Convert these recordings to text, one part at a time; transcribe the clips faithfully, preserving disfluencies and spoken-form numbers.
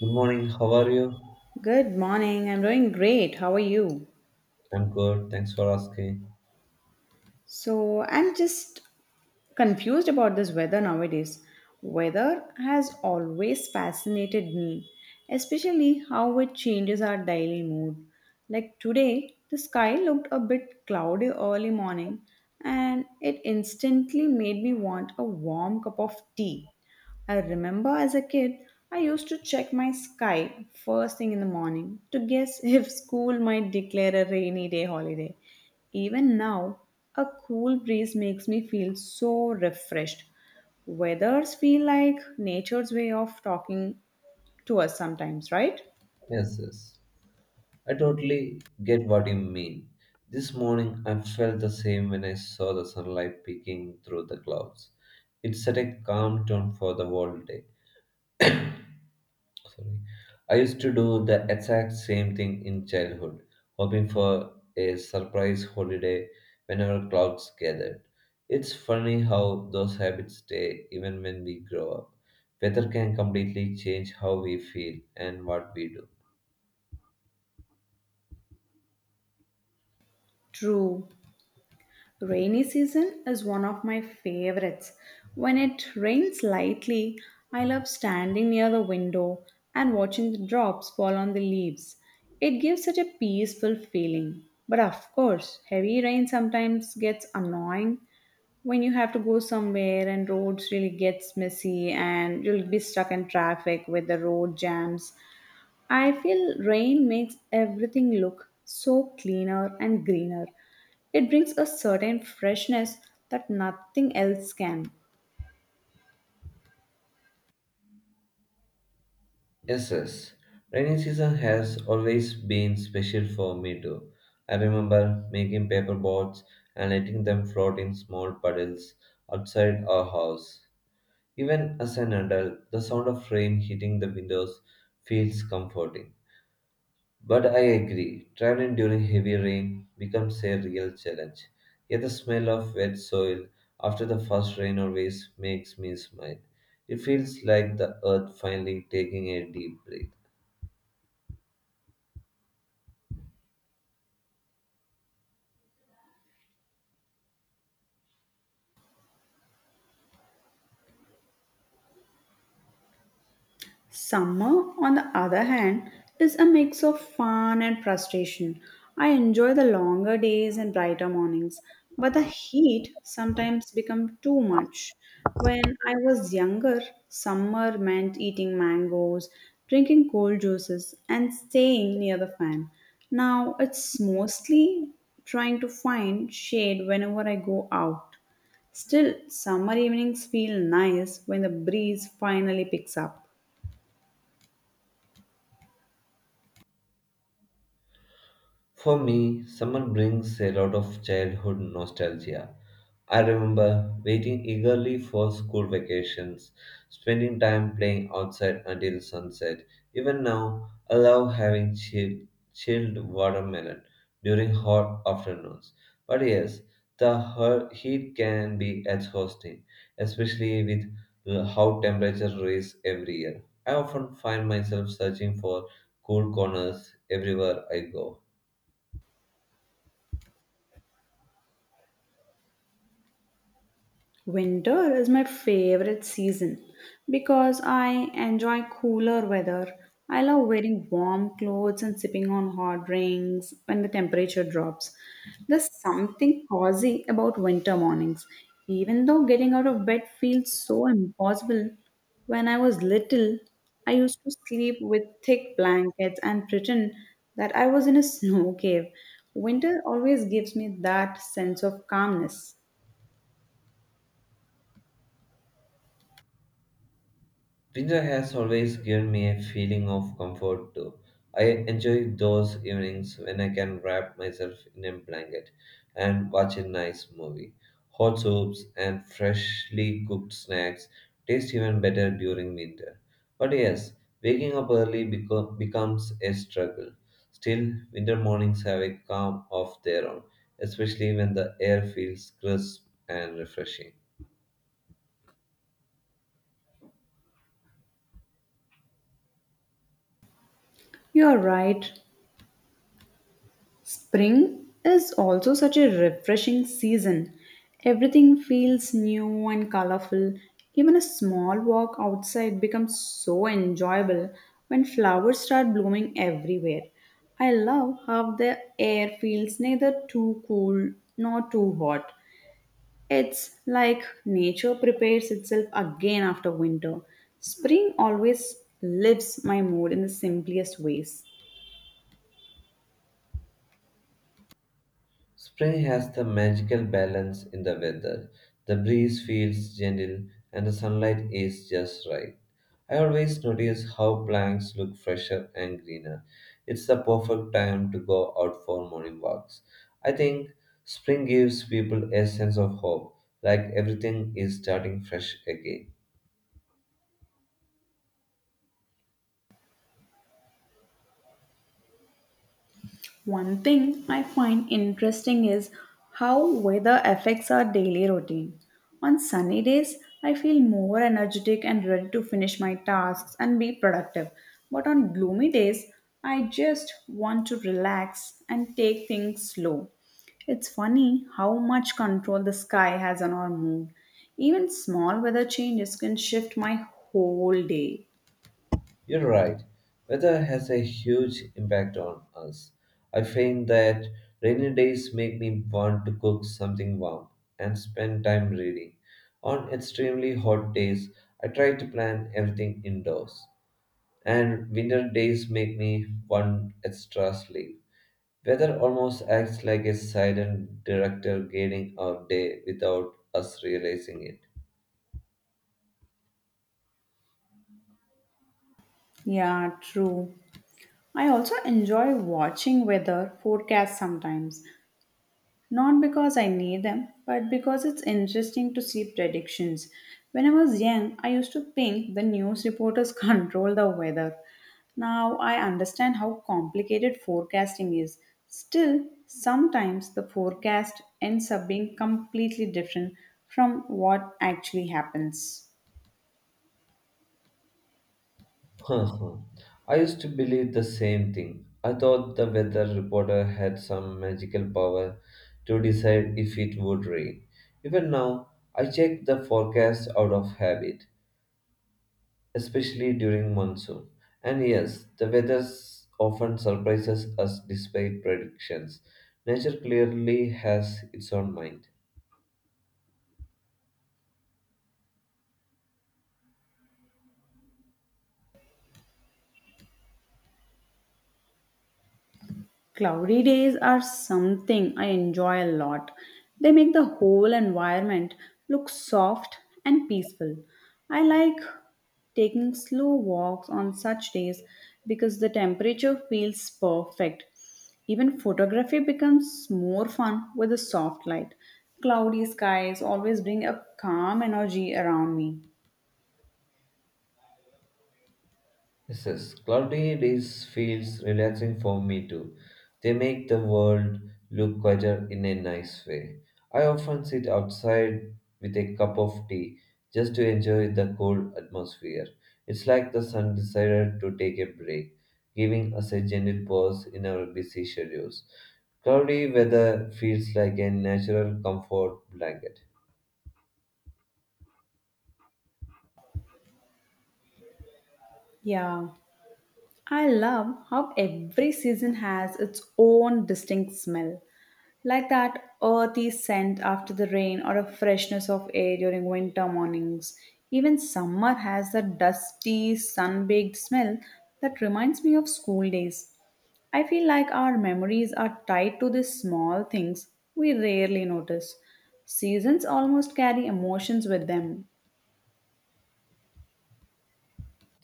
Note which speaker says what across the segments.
Speaker 1: Good morning, how are you?
Speaker 2: Good morning. I'm doing great. How are you?
Speaker 1: I'm good, thanks for asking.
Speaker 2: So, I'm just confused about this weather nowadays. Weather has always fascinated me, especially how it changes our daily mood. Like today, the sky looked a bit cloudy early morning and it instantly made me want a warm cup of tea. I remember as a kid, I used to check my sky first thing in the morning to guess if school might declare a rainy day holiday. Even now, a cool breeze makes me feel so refreshed. Weathers feel like nature's way of talking to us sometimes, right?
Speaker 1: Yes, yes. I totally get what you mean. This morning I felt the same when I saw the sunlight peeking through the clouds. It set a calm tone for the whole day. Sorry. I used to do the exact same thing in childhood, hoping for a surprise holiday whenever clouds gathered. It's funny how those habits stay even when we grow up. Weather can completely change how we feel and what we do.
Speaker 2: True. Rainy season is one of my favorites. When it rains lightly, I love standing near the window and watching the drops fall on the leaves. It gives such a peaceful feeling. But of course, heavy rain sometimes gets annoying when you have to go somewhere and roads really gets messy and you'll be stuck in traffic with the road jams. I feel rain makes everything look so cleaner and greener. It brings a certain freshness that nothing else can.
Speaker 1: Yes, yes. Rainy season has always been special for me too. I remember making paper boats and letting them float in small puddles outside our house. Even as an adult, the sound of rain hitting the windows feels comforting. But I agree, traveling during heavy rain becomes a real challenge. Yet the smell of wet soil after the first rain always makes me smile. It feels like the earth finally taking a deep breath.
Speaker 2: Summer, on the other hand, is a mix of fun and frustration. I enjoy the longer days and brighter mornings, but the heat sometimes becomes too much. When I was younger, summer meant eating mangoes, drinking cold juices, and staying near the fan. Now it's mostly trying to find shade whenever I go out. Still, summer evenings feel nice when the breeze finally picks up.
Speaker 1: For me, summer brings a lot of childhood nostalgia. I remember waiting eagerly for school vacations, spending time playing outside until sunset. Even now, I love having chill, chilled watermelon during hot afternoons. But yes, the hu- heat can be exhausting, especially with l- how temperatures rise every year. I often find myself searching for cool corners everywhere I go.
Speaker 2: Winter is my favorite season because I enjoy cooler weather. I love wearing warm clothes and sipping on hot drinks when the temperature drops. There's something cozy about winter mornings, even though getting out of bed feels so impossible. When I was little, I used to sleep with thick blankets and pretend that I was in a snow cave. Winter always gives me that sense of calmness.
Speaker 1: Winter has always given me a feeling of comfort too. I enjoy those evenings when I can wrap myself in a blanket and watch a nice movie. Hot soups and freshly cooked snacks taste even better during winter. But yes, waking up early beco- becomes a struggle. Still, winter mornings have a calm of their own, especially when the air feels crisp and refreshing.
Speaker 2: You're right. Spring is also such a refreshing season. Everything feels new and colorful. Even a small walk outside becomes so enjoyable when flowers start blooming everywhere. I love how the air feels neither too cool nor too hot. It's like nature prepares itself again after winter. Spring always lifts my mood in the simplest ways.
Speaker 1: Spring has the magical balance in the weather. The breeze feels gentle and the sunlight is just right. I always notice how plants look fresher and greener. It's the perfect time to go out for morning walks. I think spring gives people a sense of hope, like everything is starting fresh again.
Speaker 2: One thing I find interesting is how weather affects our daily routine. On sunny days, I feel more energetic and ready to finish my tasks and be productive. But on gloomy days, I just want to relax and take things slow. It's funny how much control the sky has on our mood. Even small weather changes can shift my whole day.
Speaker 1: You're right. Weather has a huge impact on us. I find that rainy days make me want to cook something warm and spend time reading. On extremely hot days, I try to plan everything indoors. And winter days make me want extra sleep. Weather almost acts like a silent director guiding our day without us realizing it.
Speaker 2: Yeah, true. I also enjoy watching weather forecasts sometimes, not because I need them, but because it's interesting to see predictions. When I was young, I used to think the news reporters control the weather. Now I understand how complicated forecasting is. Still, sometimes the forecast ends up being completely different from what actually happens.
Speaker 1: Huh I used to believe the same thing. I thought the weather reporter had some magical power to decide if it would rain. Even now, I check the forecast out of habit, especially during monsoon. And yes, the weather s- often surprises us despite predictions. Nature clearly has its own mind.
Speaker 2: Cloudy days are something I enjoy a lot. They make the whole environment look soft and peaceful. I like taking slow walks on such days because the temperature feels perfect. Even photography becomes more fun with a soft light. Cloudy skies always bring a calm energy around me.
Speaker 1: Yes, yes. Cloudy days feels relaxing for me too. They make the world look quieter in a nice way. I often sit outside with a cup of tea just to enjoy the cool atmosphere. It's like the sun decided to take a break, giving us a gentle pause in our busy schedules. Cloudy weather feels like a natural comfort blanket.
Speaker 2: Yeah, I love how every season has its own distinct smell. Like that earthy scent after the rain or a freshness of air during winter mornings. Even summer has a dusty, sun baked smell that reminds me of school days. I feel like our memories are tied to these small things we rarely notice. Seasons almost carry emotions with them.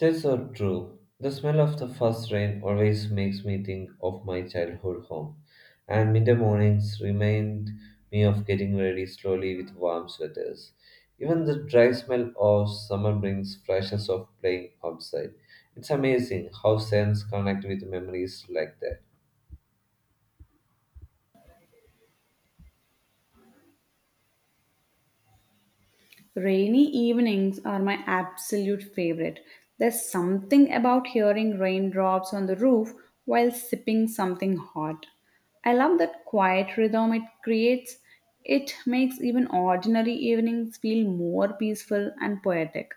Speaker 1: That's so true. The smell of the first rain always makes me think of my childhood home, and midday mornings remind me of getting ready slowly with warm sweaters. Even the dry smell of summer brings flashes of playing outside. It's amazing how scents connect with memories like that.
Speaker 2: Rainy evenings are my absolute favorite. There's something about hearing raindrops on the roof while sipping something hot. I love that quiet rhythm it creates. It makes even ordinary evenings feel more peaceful and poetic.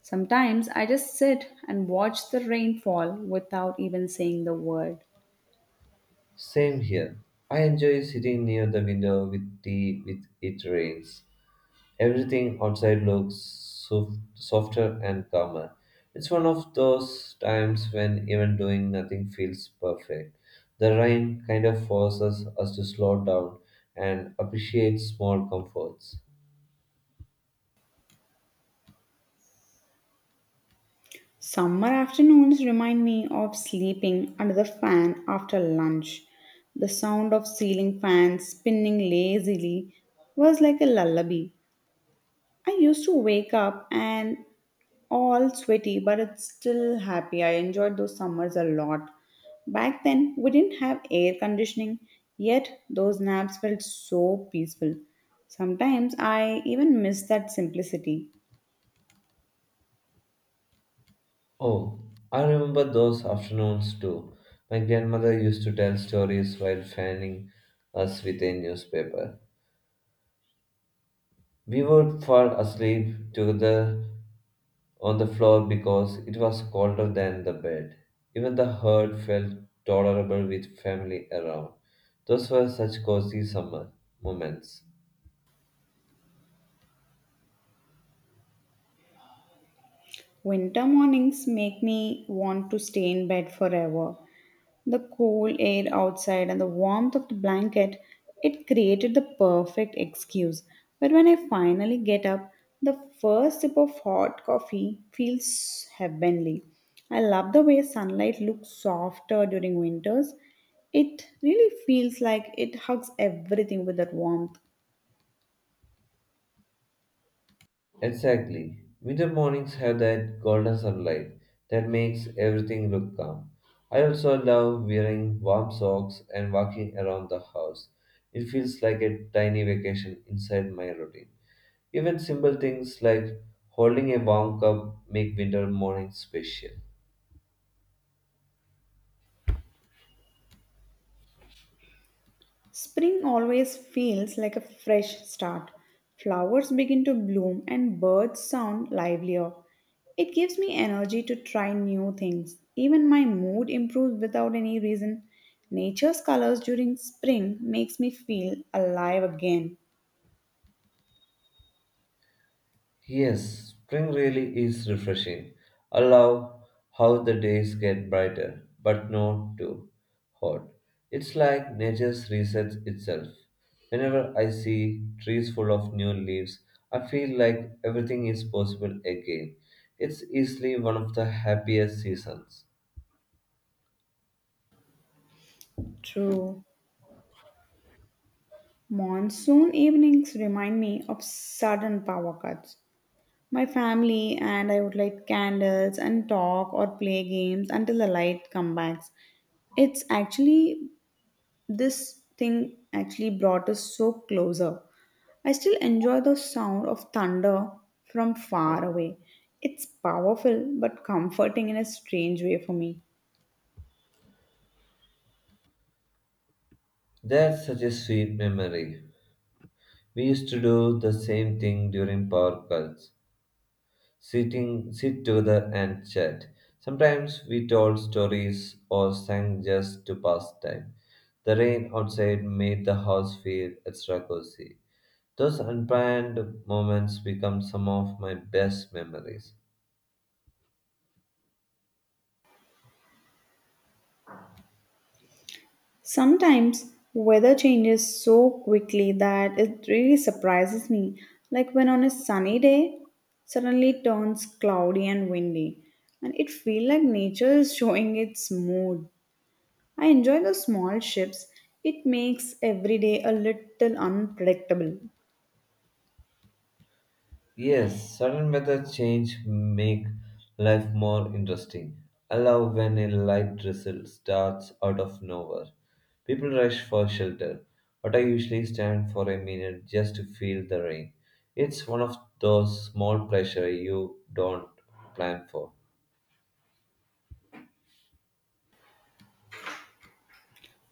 Speaker 2: Sometimes I just sit and watch the rain fall without even saying the word.
Speaker 1: Same here. I enjoy sitting near the window with tea with it rains. Everything outside looks sof- softer and calmer. It's one of those times when even doing nothing feels perfect. The rain kind of forces us to slow down and appreciate small comforts.
Speaker 2: Summer afternoons remind me of sleeping under the fan after lunch. The sound of ceiling fans spinning lazily was like a lullaby. I used to wake up and all sweaty, but it's still happy. I enjoyed those summers a lot. Back then, we didn't have air conditioning, yet those naps felt so peaceful. Sometimes I even miss that simplicity.
Speaker 1: Oh, I remember those afternoons too. My grandmother used to tell stories while fanning us with a newspaper. We would fall asleep together on the floor because it was colder than the bed. Even the herd felt tolerable with family around. Those were such cozy summer moments.
Speaker 2: Winter mornings make me want to stay in bed forever. The cool air outside and the warmth of the blanket, it created the perfect excuse. But when I finally get up, the first sip of hot coffee feels heavenly. I love the way sunlight looks softer during winters. It really feels like it hugs everything with that warmth.
Speaker 1: Exactly. Winter mornings have that golden sunlight that makes everything look calm. I also love wearing warm socks and walking around the house. It feels like a tiny vacation inside my routine. Even simple things like holding a warm cup make winter mornings special.
Speaker 2: Spring always feels like a fresh start. Flowers begin to bloom and birds sound livelier. It gives me energy to try new things. Even my mood improves without any reason. Nature's colors during spring makes me feel alive again.
Speaker 1: Yes, spring really is refreshing. I love how the days get brighter, but not too hot. It's like nature resets itself. Whenever I see trees full of new leaves, I feel like everything is possible again. It's easily one of the happiest seasons.
Speaker 2: True. Monsoon evenings remind me of sudden power cuts. My family and I would light candles and talk or play games until the light comes back. It's actually this thing actually brought us so closer. I still enjoy the sound of thunder from far away. It's powerful but comforting in a strange way for me.
Speaker 1: That's such a sweet memory. We used to do the same thing during power cuts. sitting sit together and chat. Sometimes we told stories or sang just to pass time. The rain outside made the house feel extra cozy. Those unplanned moments become some of my best memories.
Speaker 2: Sometimes weather changes so quickly that it really surprises me, like when on a sunny day suddenly turns cloudy and windy, and it feels like nature is showing its mood. I enjoy the small shifts it makes every day a little unpredictable.
Speaker 1: Yes, certain method change make life more interesting. I love when a light drizzle starts out of nowhere. People rush for shelter, but I usually stand for a minute just to feel the rain. It's one of those small pleasure you don't plan for.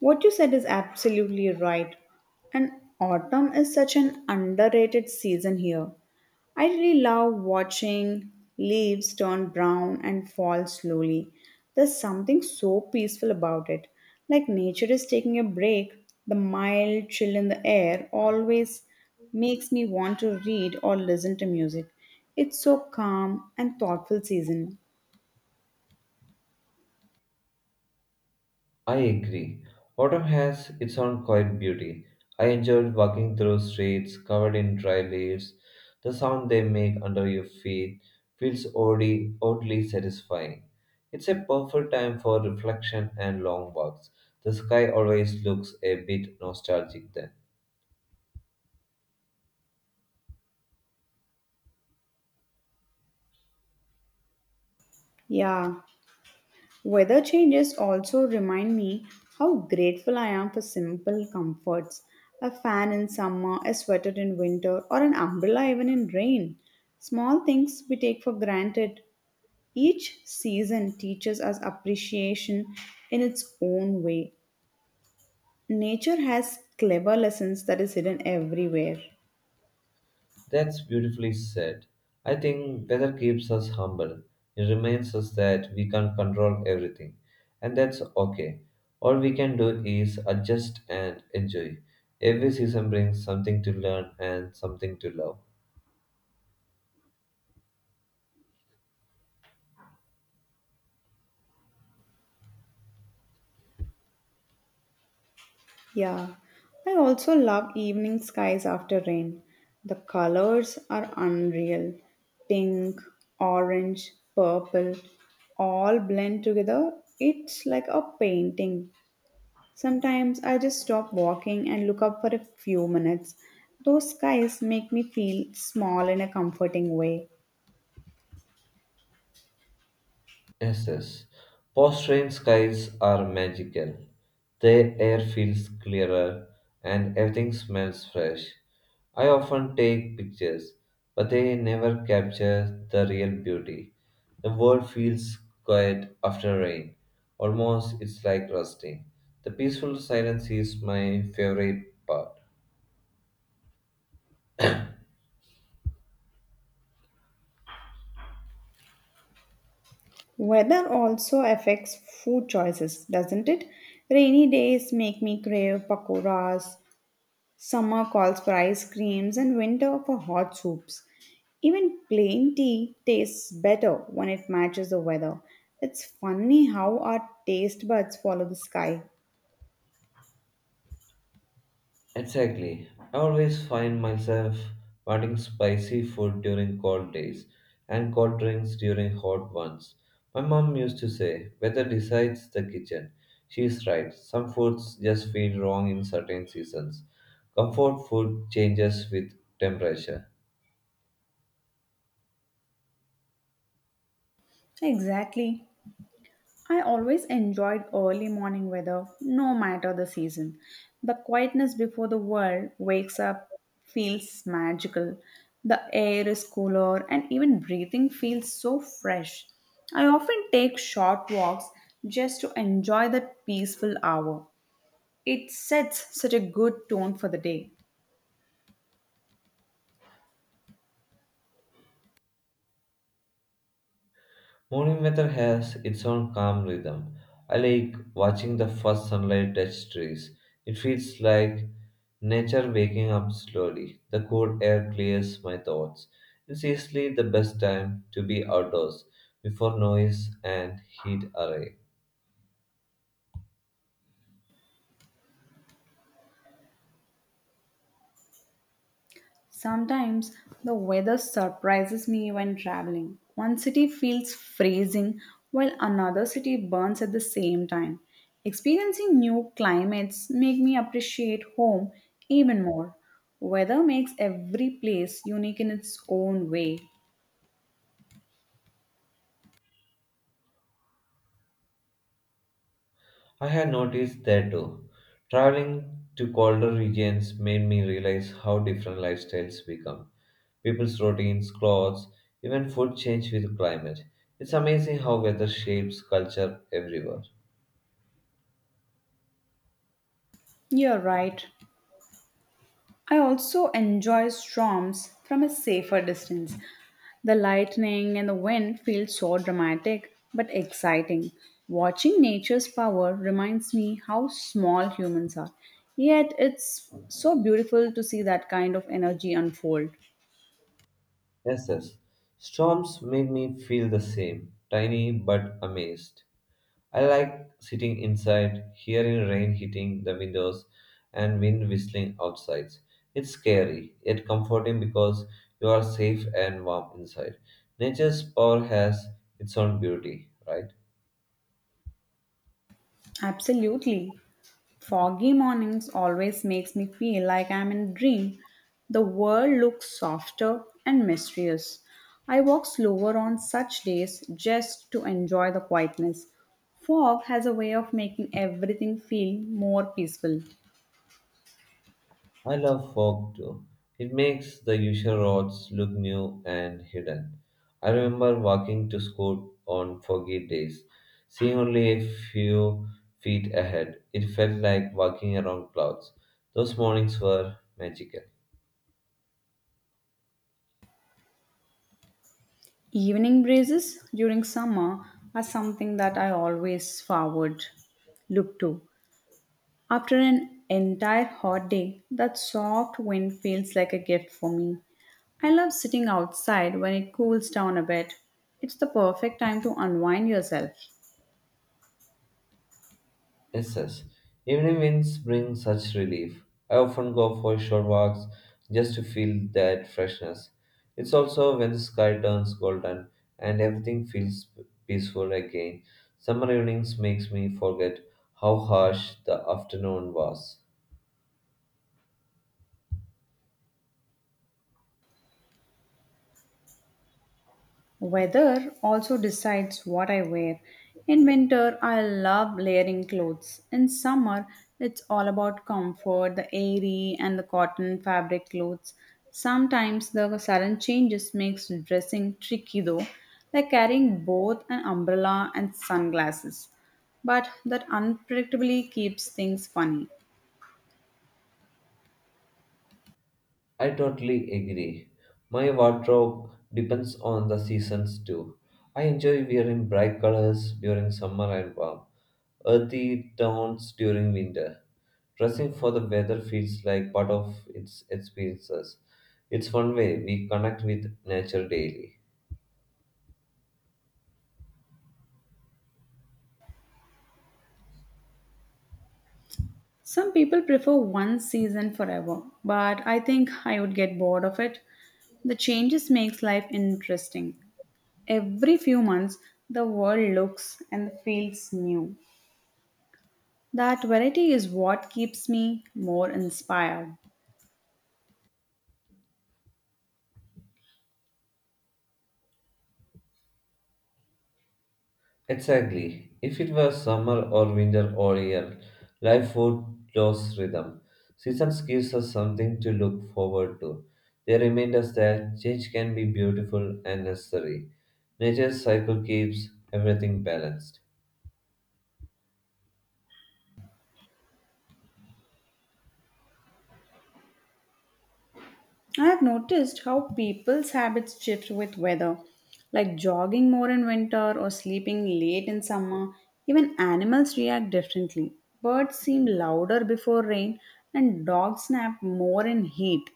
Speaker 2: What you said is absolutely right. And autumn is such an underrated season here. I really love watching leaves turn brown and fall slowly. There's something so peaceful about it. Like nature is taking a break, the mild chill in the air always makes me want to read or listen to music. It's so calm and thoughtful season.
Speaker 1: I agree. Autumn has its own quiet beauty. I enjoyed walking through streets covered in dry leaves. The sound they make under your feet feels oddly, oddly satisfying. It's a perfect time for reflection and long walks. The sky always looks a bit nostalgic then.
Speaker 2: Yeah. Weather changes also remind me how grateful I am for simple comforts, a fan in summer, a sweater in winter, or an umbrella even in rain. Small things we take for granted. Each season teaches us appreciation in its own way. Nature has clever lessons that is hidden everywhere.
Speaker 1: That's beautifully said. I think weather keeps us humble. It reminds us that we can't control everything, and that's okay. All we can do is adjust and enjoy. Every season brings something to learn and something to love.
Speaker 2: Yeah, I also love evening skies after rain. The colors are unreal. Pink, orange, purple, all blend together. It's like a painting. Sometimes I just stop walking and look up for a few minutes. Those skies make me feel small in a comforting way.
Speaker 1: Yes, yes. Post rain skies are magical. The air feels clearer and everything smells fresh. I often take pictures, but they never capture the real beauty. The world feels quiet after rain. Almost it's like resting. The peaceful silence is my favorite part.
Speaker 2: Weather also affects food choices, doesn't it? Rainy days make me crave pakoras, summer calls for ice creams and winter for hot soups. Even plain tea tastes better when it matches the weather. It's funny how our taste buds follow the sky.
Speaker 1: Exactly. I always find myself wanting spicy food during cold days and cold drinks during hot ones. My mom used to say, weather decides the kitchen. She's right. Some foods just feel wrong in certain seasons. Comfort food changes with temperature.
Speaker 2: Exactly. I always enjoyed early morning weather, no matter the season. The quietness before the world wakes up feels magical. The air is cooler, and even breathing feels so fresh. I often take short walks just to enjoy that peaceful hour. It sets such a good tone for the day.
Speaker 1: Morning weather has its own calm rhythm. I like watching the first sunlight touch trees. It feels like nature waking up slowly. The cool air clears my thoughts. It's easily the best time to be outdoors before noise and heat arrive.
Speaker 2: Sometimes the weather surprises me when traveling. One city feels freezing while another city burns at the same time. Experiencing new climates make me appreciate home even more. Weather makes every place unique in its own way.
Speaker 1: I had noticed that too. Traveling to colder regions made me realize how different lifestyles become. People's routines, clothes, even food change with climate. It's amazing how weather shapes culture everywhere.
Speaker 2: You're right. I also enjoy storms from a safer distance. The lightning and the wind feel so dramatic but exciting. Watching nature's power reminds me how small humans are. Yet it's so beautiful to see that kind of energy unfold.
Speaker 1: Yes, yes. Storms made me feel the same, tiny but amazed. I like sitting inside, hearing rain hitting the windows and wind whistling outside. It's scary, yet comforting because you are safe and warm inside. Nature's power has its own beauty, right?
Speaker 2: Absolutely. Foggy mornings always makes me feel like I'm in a dream. The world looks softer and mysterious. I walk slower on such days just to enjoy the quietness. Fog has a way of making everything feel more peaceful.
Speaker 1: I love fog too. It makes the usual roads look new and hidden. I remember walking to school on foggy days, seeing only a few feet ahead. It felt like walking around clouds. Those mornings were magical.
Speaker 2: Evening breezes during summer are something that I always forward look to. After an entire hot day, that soft wind feels like a gift for me. I love sitting outside when it cools down a bit. It's the perfect time to unwind yourself.
Speaker 1: Yes, yes. Evening winds bring such relief. I often go for short walks just to feel that freshness. It's also when the sky turns golden and everything feels peaceful again. Summer evenings makes me forget how harsh the afternoon was.
Speaker 2: Weather also decides what I wear. In winter, I love layering clothes. In summer, it's all about comfort, the airy and the cotton fabric clothes. Sometimes the sudden changes makes dressing tricky though, like carrying both an umbrella and sunglasses. But that unpredictably keeps things funny.
Speaker 1: I totally agree. My wardrobe depends on the seasons too. I enjoy wearing bright colors during summer and warm, earthy tones during winter. Dressing for the weather feels like part of its experiences. It's one way we connect with nature daily.
Speaker 2: Some people prefer one season forever, but I think I would get bored of it. The changes makes life interesting. Every few months the world looks and feels new. That variety is what keeps me more inspired.
Speaker 1: Exactly. If it was summer or winter or year, life would lose rhythm. Seasons gives us something to look forward to. They remind us that change can be beautiful and necessary. Nature's cycle keeps everything balanced.
Speaker 2: I have noticed how people's habits shift with weather, like jogging more in winter or sleeping late in summer. Even animals react differently. Birds seem louder before rain, and dogs snap more in heat.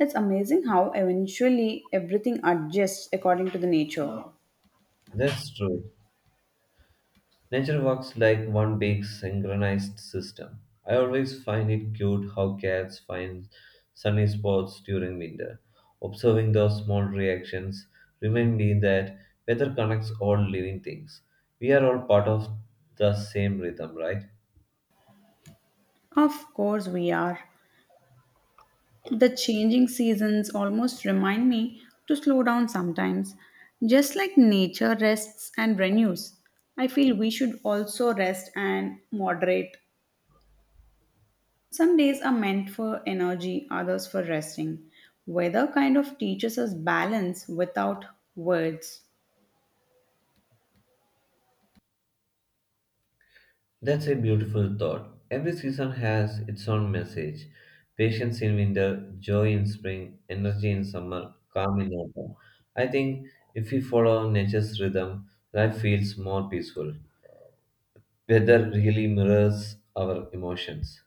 Speaker 2: It's amazing how eventually everything adjusts according to the nature.
Speaker 1: That's true. Nature works like one big synchronized system. I always find it cute how cats find sunny spots during winter. Observing those small reactions remind me that weather connects all living things. We are all part of the same rhythm, right?
Speaker 2: Of course, we are. The changing seasons almost remind me to slow down sometimes. Just like nature rests and renews, I feel we should also rest and moderate. Some days are meant for energy, others for resting. Weather kind of teaches us balance without words.
Speaker 1: That's a beautiful thought. Every season has its own message. Patience in winter, joy in spring, energy in summer, calm in autumn. I think if we follow nature's rhythm, life feels more peaceful. Weather really mirrors our emotions.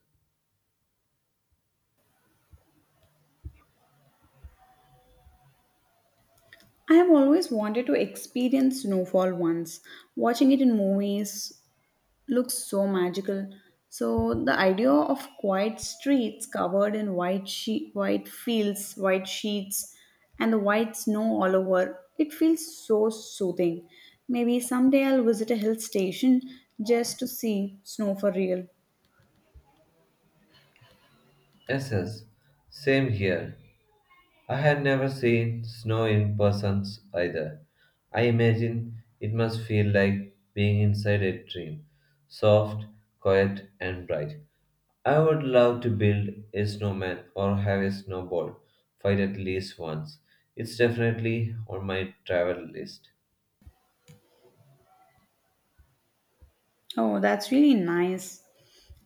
Speaker 2: I have always wanted to experience snowfall once. Watching it in movies looks so magical. So the idea of quiet streets covered in white she- white fields, white sheets, and the white snow all over, it feels so soothing. Maybe someday I'll visit a hill station just to see snow for real.
Speaker 1: Yes, yes. Same here. I had never seen snow in persons either. I imagine it must feel like being inside a dream, soft, quiet, and bright. I would love to build a snowman or have a snowball fight at least once. It's definitely on my travel list.
Speaker 2: Oh, that's really nice.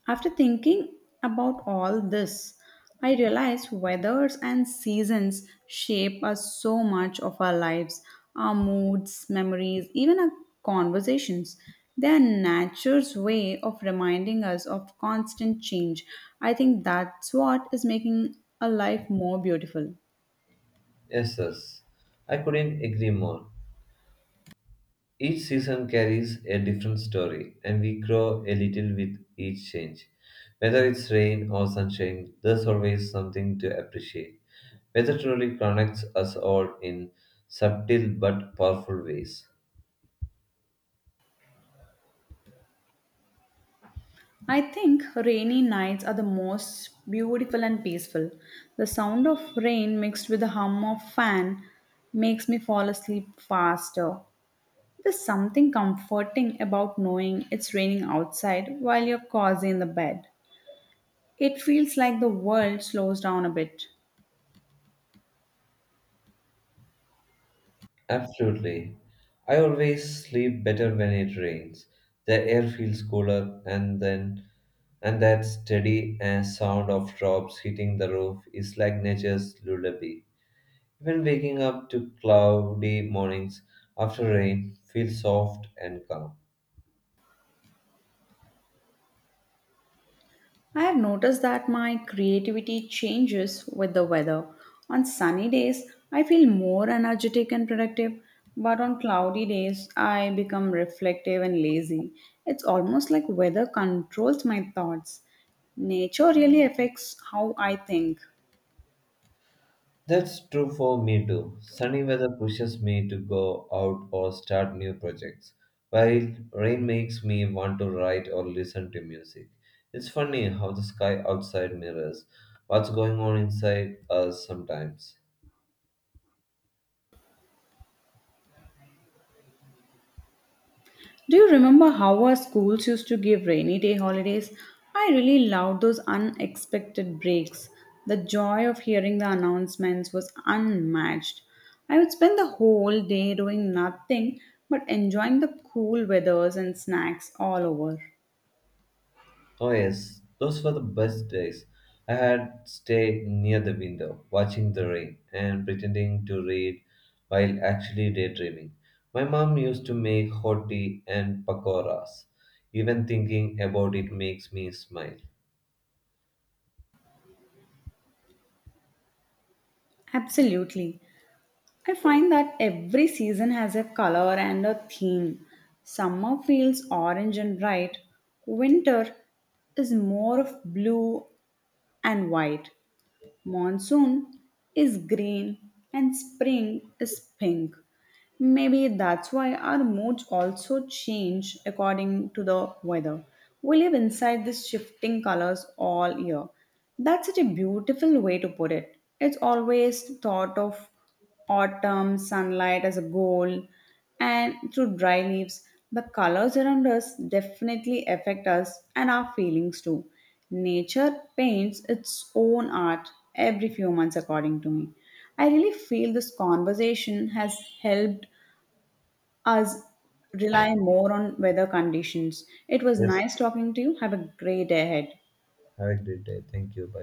Speaker 2: After thinking about all this, I realize weathers and seasons shape us so much of our lives, our moods, memories, even our conversations. They are nature's way of reminding us of constant change. I think that's what is making a life more beautiful.
Speaker 1: Yes, yes. I couldn't agree more. Each season carries a different story, and we grow a little with each change. Whether it's rain or sunshine, there's always something to appreciate. Weather truly connects us all in subtle but powerful ways.
Speaker 2: I think rainy nights are the most beautiful and peaceful. The sound of rain mixed with the hum of fan makes me fall asleep faster. There's something comforting about knowing it's raining outside while you're cozy in the bed. It feels like the world slows down a bit.
Speaker 1: Absolutely. I always sleep better when it rains. The air feels cooler and then and that steady uh, sound of drops hitting the roof is like nature's lullaby. Even waking up to cloudy mornings after rain feels soft and calm.
Speaker 2: I have noticed that my creativity changes with the weather. On sunny days, I feel more energetic and productive, but on cloudy days, I become reflective and lazy. It's almost like weather controls my thoughts. Nature really affects how I think.
Speaker 1: That's true for me too. Sunny weather pushes me to go out or start new projects, while rain makes me want to write or listen to music. It's funny how the sky outside mirrors what's going on inside us sometimes.
Speaker 2: Do you remember how our schools used to give rainy day holidays? I really loved those unexpected breaks. The joy of hearing the announcements was unmatched. I would spend the whole day doing nothing but enjoying the cool weathers and snacks all over.
Speaker 1: Oh yes, those were the best days. I had stayed near the window, watching the rain and pretending to read while actually daydreaming. My mom used to make hot tea and pakoras. Even thinking about it makes me smile.
Speaker 2: Absolutely. I find that every season has a color and a theme. Summer feels orange and bright, winter is more of blue and white. Monsoon is green and spring is pink. Maybe that's why our moods also change according to the weather. We live inside these shifting colors all year. That's such a beautiful way to put it. It's always thought of autumn sunlight as a goal, and through dry leaves, the colors around us definitely affect us and our feelings too. Nature paints its own art every few months, according to me. I really feel this conversation has helped us rely more on weather conditions. It was
Speaker 1: Yes,
Speaker 2: nice talking to you. Have a great day ahead.
Speaker 1: have a great day. Thank you. Bye.